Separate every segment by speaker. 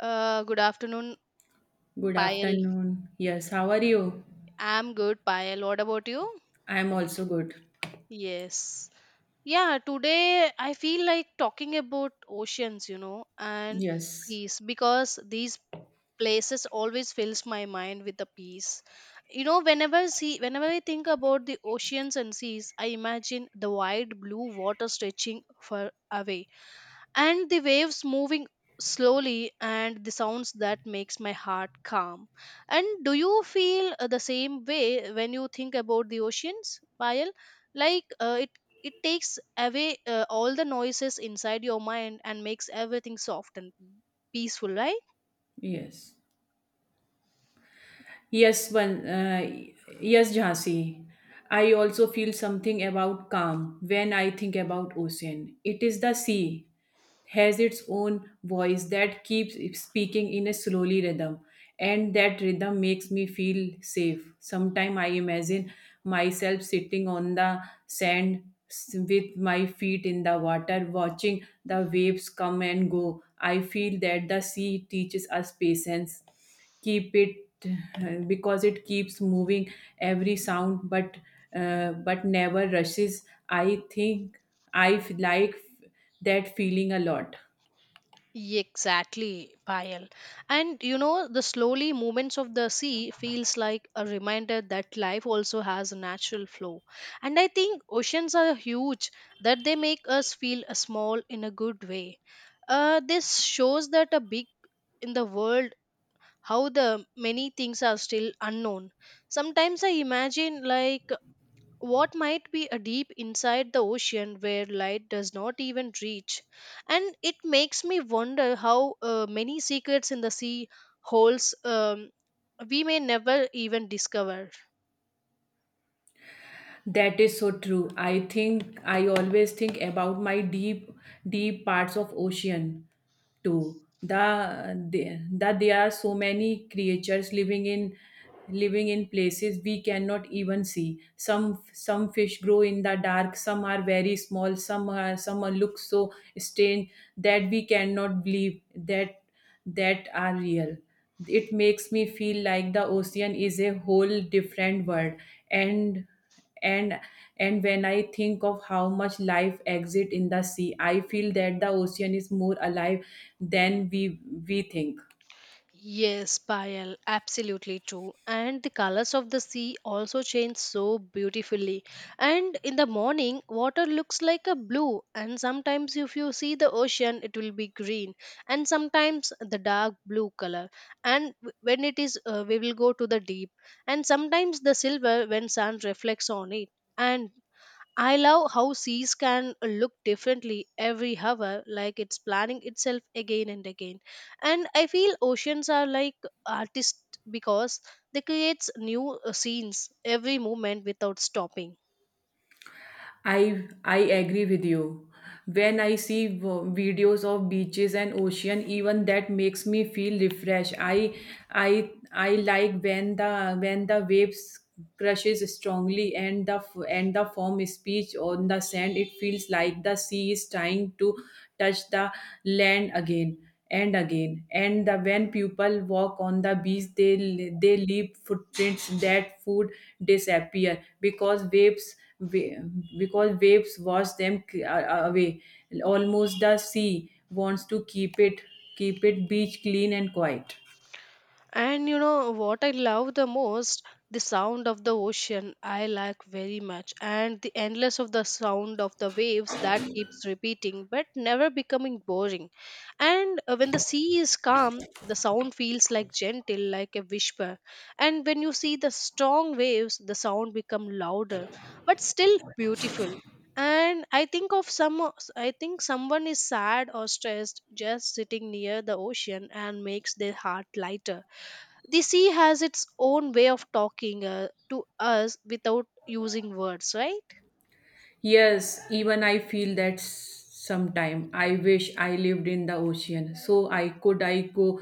Speaker 1: Good afternoon,
Speaker 2: Good
Speaker 1: Payal.
Speaker 2: afternoon. Yes, how are you?
Speaker 1: I'm good, Payal. What about you?
Speaker 2: I am also good.
Speaker 1: Yes. Yeah, today I feel like talking about oceans, you know, and
Speaker 2: Yes,
Speaker 1: seas because these places always fills my mind with the peace. You know, whenever I think about the oceans and seas, I imagine the wide blue water stretching far away, and the waves moving slowly, and the sounds that makes my heart calm. And do you feel the same way when you think about the oceans, payal? Like it takes away all the noises inside your mind and makes everything soft and peaceful, right?
Speaker 2: yes, yes. One, yes, Jhansi. I also feel something about calm when I think about ocean. It is the sea has its own voice that keeps speaking in a slowly rhythm, and that rhythm makes me feel safe. Sometimes I imagine myself sitting on the sand with my feet in the water watching the waves come and go. I feel that the sea teaches us patience. Keep it because it keeps moving every sound, but never rushes. I think I like that feeling a lot.
Speaker 1: Exactly, Payal. And you know, the slowly movements of the sea feels like a reminder that life also has a natural flow. And I think oceans are huge that they make us feel small in a good way. This shows that a big in the world, how the many things are still unknown. Sometimes I imagine like what might be a deep inside the ocean where light does not even reach, and it makes me wonder how many secrets in the sea holds, we may never even discover.
Speaker 2: That is so true. I think I always think about my deep, deep parts of ocean too. The that there are so many creatures living in living in places we cannot even see. Some fish grow in the dark. Some are very small. Some are look so strange that we cannot believe that that are real. It makes me feel like the ocean is a whole different world, and and and when I think of how much life exists in the sea, I feel that the ocean is more alive than we think.
Speaker 1: Yes, Payal, absolutely true. And the colors of the sea also change so beautifully. And in the morning, water looks like a blue, and sometimes if you see the ocean, it will be green, and sometimes the dark blue color. And when it is, we will go to the deep, and sometimes the silver when sun reflects on it. And I love how seas can look differently every hour, like it's planning itself again and again. And I feel oceans are like artists because they creates new scenes every moment without stopping.
Speaker 2: I agree with you. When I see videos of beaches and ocean, even that makes me feel refreshed. I like when the waves crushes strongly and the foam speech on the sand. It feels like the sea is trying to touch the land again and again. And the when people walk on the beach, they leave footprints that food disappear because waves wash them away. Almost the sea wants to keep it, keep it beach clean and quiet.
Speaker 1: And you know what I love the most? The sound of the ocean I like very much, and the endless of the sound of the waves that keeps repeating but never becoming boring. And when the sea is calm, the sound feels like gentle, like a whisper. And when you see the strong waves, the sound become louder, but still beautiful. And I think of some, I think someone is sad or stressed just sitting near the ocean and makes their heart lighter. The sea has its own way of talking to us without using words, right?
Speaker 2: Yes, even I feel that sometime. I wish I lived in the ocean, so I could I go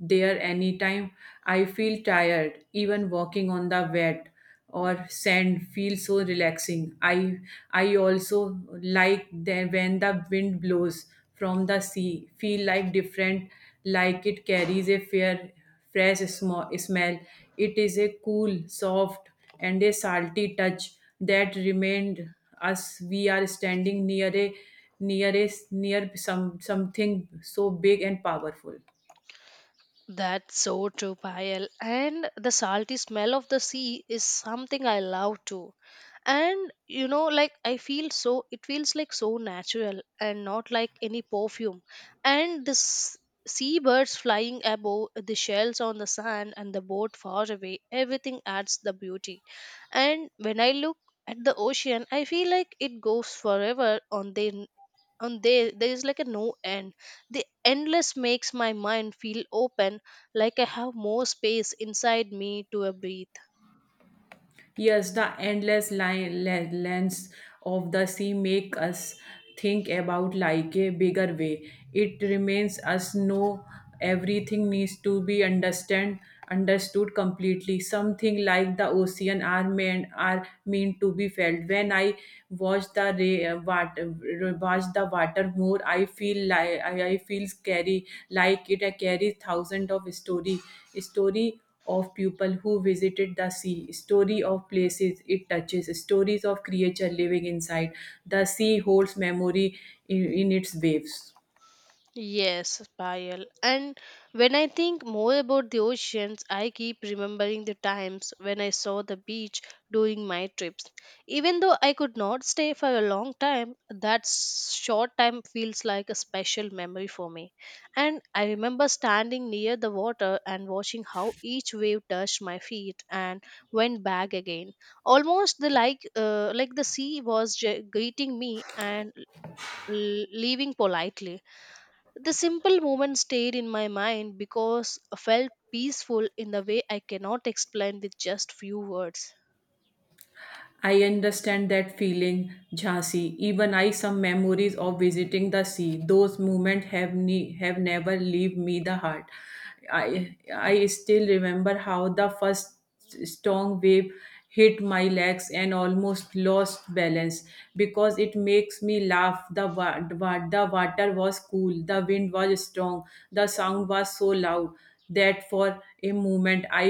Speaker 2: there anytime. I feel tired. Even walking on the wet or sand feels so relaxing. I also like the, when the wind blows from the sea. Feel like different, like it carries a fair fresh smell. It is a cool, soft, and a salty touch that remained us. We are standing near a near a near some something so big and powerful.
Speaker 1: That's so true, Payal. And the salty smell of the sea is something I love too. And you know, like, I feel so, it feels like so natural and not like any perfume. And this seabirds flying above, the shells on the sand, and the boat far away, everything adds the beauty. And when I look at the ocean, I feel like it goes forever on their, on there, there is like a no end. The endless makes my mind feel open, like I have more space inside me to a breathe.
Speaker 2: Yes, the endless line, lens of the sea make us think about like a bigger way. It remains us know everything needs to be understand understood completely. Something like the ocean are meant to be felt. When I watch the ray, water, watch the water more, I feel like I feel scary like it carries thousand of story of people who visited the sea, story of places it touches, stories of creature living inside. The sea holds memory in its waves.
Speaker 1: Yes, Payal. And when I think more about the oceans, I keep remembering the times when I saw the beach during my trips. Even though I could not stay for a long time, that short time feels like a special memory for me. And I remember standing near the water and watching how each wave touched my feet and went back again. Almost the like the sea was greeting me and leaving politely. The simple moment stayed in my mind because I felt peaceful in the way I cannot explain with just few words.
Speaker 2: I understand that feeling, Jhansi. Even I some memories of visiting the sea. Those moments have have never leave me the heart. I still remember how the first strong wave hit my legs and almost lost balance because it makes me laugh. The water was cool, the wind was strong, the sound was so loud that for a moment i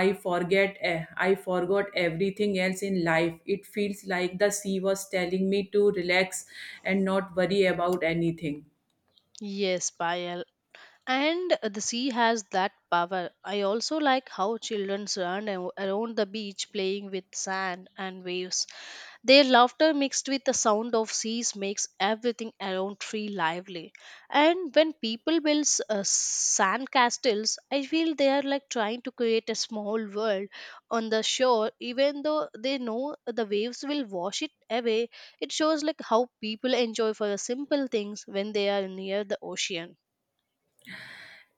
Speaker 2: i forget eh, i forgot everything else in life. It feels like the sea was telling me to relax and not worry about anything.
Speaker 1: Yes, Payal. And the sea has that power. I also like how children run around the beach playing with sand and waves. Their laughter mixed with the sound of seas makes everything around tree lively. And when people build sand castles, I feel they are like trying to create a small world on the shore, even though they know the waves will wash it away. It shows like how people enjoy for the simple things when they are near the ocean.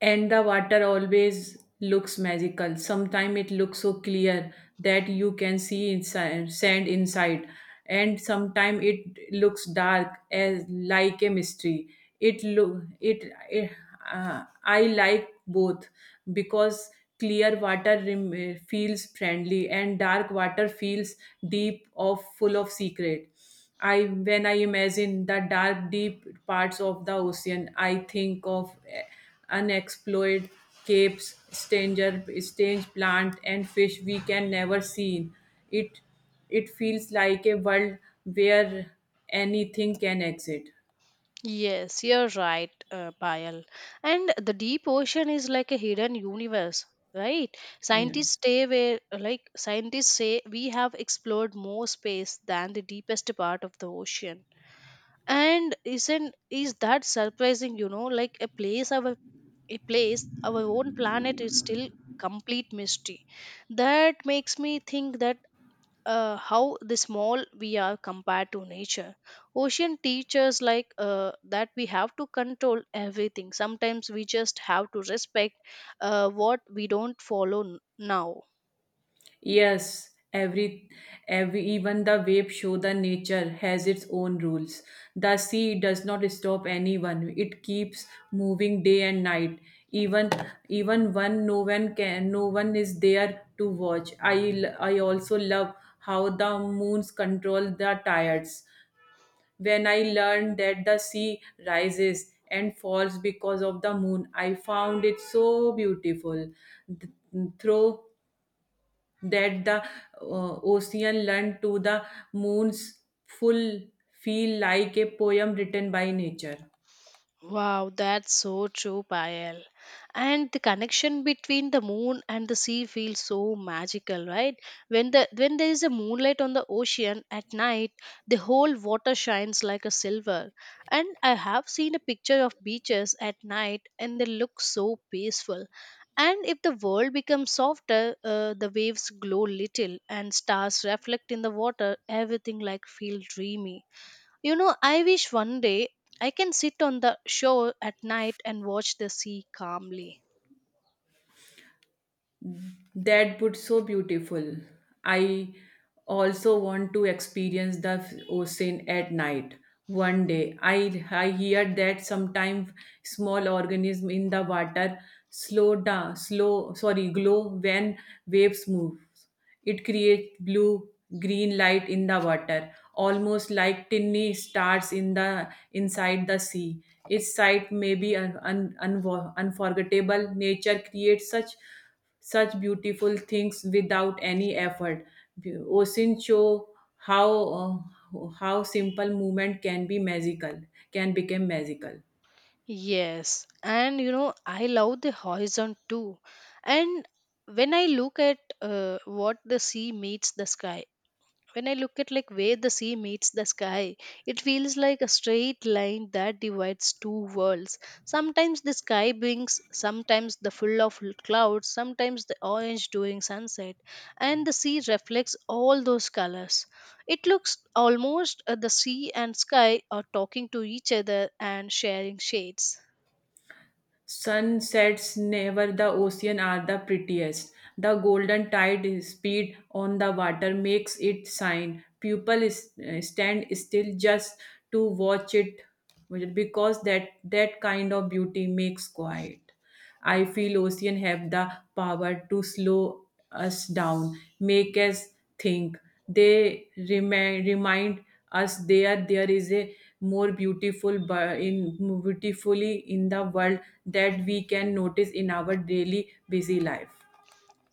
Speaker 2: And the water always looks magical. Sometimes it looks so clear that you can see inside sand inside, and sometimes it looks dark as like a mystery. It look it, it I like both because clear water feels friendly and dark water feels deep of full of secret. I when I imagine the dark, deep parts of the ocean, I think of unexplored capes, stranger, strange plant and fish we can never see. It it feels like a world where anything can exist.
Speaker 1: Yes, you're right, Payal. And the deep ocean is like a hidden universe, right? Scientists
Speaker 2: Yes.
Speaker 1: stay where, like scientists say, we have explored more space than the deepest part of the ocean. And isn't is that surprising? You know, like a place, our own planet is still complete mystery. That makes me think that how the small we are compared to nature. Ocean teaches like that we have to control everything, sometimes we just have to respect what we don't follow now.
Speaker 2: Yes, every even the wave show the nature has its own rules. The sea does not stop anyone. It keeps moving day and night. Even even one no one can no one is there to watch. I also love how the moons control the tides. When I learned that the sea rises and falls because of the moon, I found it so beautiful. Th- through that the ocean learned to the moon's full feel like a poem written by nature.
Speaker 1: Wow, that's so true, Payal. And the connection between the moon and the sea feels so magical, right? When there is a moonlight on the ocean at night, the whole water shines like a silver. And I have seen a picture of beaches at night, and they look so peaceful. And if the world becomes softer, the waves glow little, and stars reflect in the water. Everything like feel dreamy. You know, I wish one day I can sit on the shore at night and watch the sea calmly.
Speaker 2: That would so beautiful. I also want to experience the ocean at night one day. I hear that sometimes small organism in the water slow down slow sorry glow when waves move. It creates blue green light in the water, almost like tiny stars in the inside the sea. Its sight may be unforgettable. Nature creates such beautiful things without any effort. Ocean show how, how simple movement can be magical, can become magical.
Speaker 1: Yes, and you know, I love the horizon too. And when I look at what the sea meets the sky, when I look at like where the sea meets the sky, it feels like a straight line that divides two worlds. Sometimes the full of clouds, sometimes the orange during sunset, and the sea reflects all those colors. It looks almost the sea and sky are talking to each other and sharing shades.
Speaker 2: Sunsets never the ocean are the prettiest. The golden tide speed on the water makes it shine. People is, stand still just to watch it because that kind of beauty makes quiet. I feel ocean have the power to slow us down, make us think. They remind us there is a more beautiful in beautifully in the world that we can notice in our daily busy life.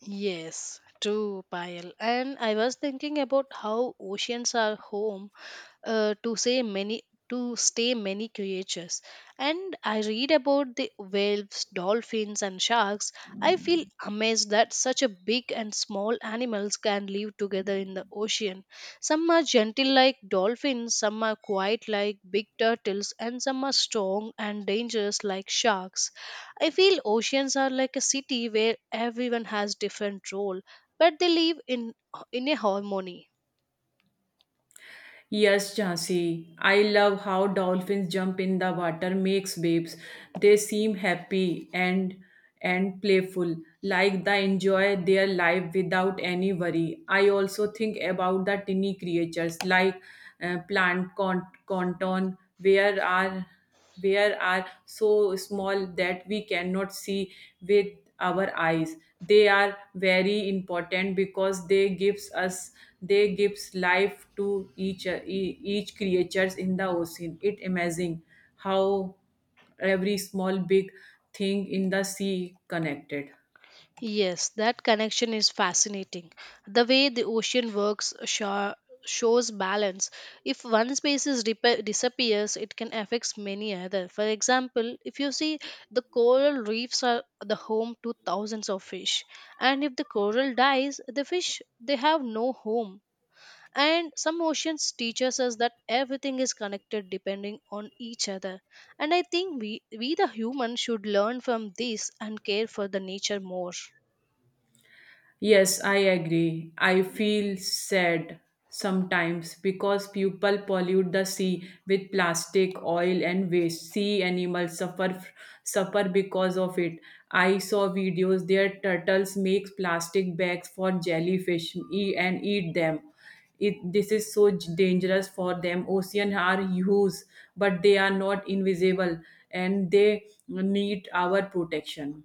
Speaker 1: Yes, true, Payal. And I was thinking about how oceans are home uh, to say many to stay many creatures. And I read about the whales, dolphins, and sharks. I feel amazed that such a big and small animals can live together in the ocean. Some are gentle like dolphins, some are quiet like big turtles, and some are strong and dangerous like sharks. I feel oceans are like a city where everyone has different role, but they live in a harmony.
Speaker 2: Yes, Jhansi. I love how dolphins jump in the water makes waves. They seem happy and playful, like they enjoy their life without any worry. I also think about the tiny creatures like, plant conton, where are so small that we cannot see with our eyes. They are very important because they gives life to each creatures in the ocean. It amazing how every small big thing in the sea connected.
Speaker 1: Yes, that connection is fascinating. The way the ocean works shows balance. If one species disappears, it can affect many other. For example, if you see the coral reefs are the home to thousands of fish, and if the coral dies, the fish they have no home. And some oceans teaches us that everything is connected depending on each other. And I think we the human should learn from this and care for the nature more.
Speaker 2: Yes, I agree. I feel sad sometimes because people pollute the sea with plastic, oil, and waste. Sea animals suffer because of it. I saw videos there turtles make plastic bags for jellyfish and eat them. It, this is so dangerous for them. Ocean are huge, but they are not invisible, and they need our protection.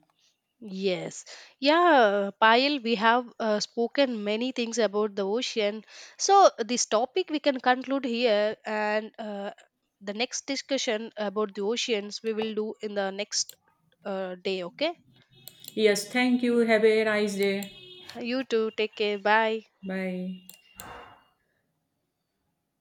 Speaker 1: Yes. Yeah, Payal, we have spoken many things about the ocean. So, this topic we can conclude here, and the next discussion about the oceans we will do in the next day, okay?
Speaker 2: Yes, thank you. Have a nice day.
Speaker 1: You too, take care. Bye.
Speaker 2: Bye.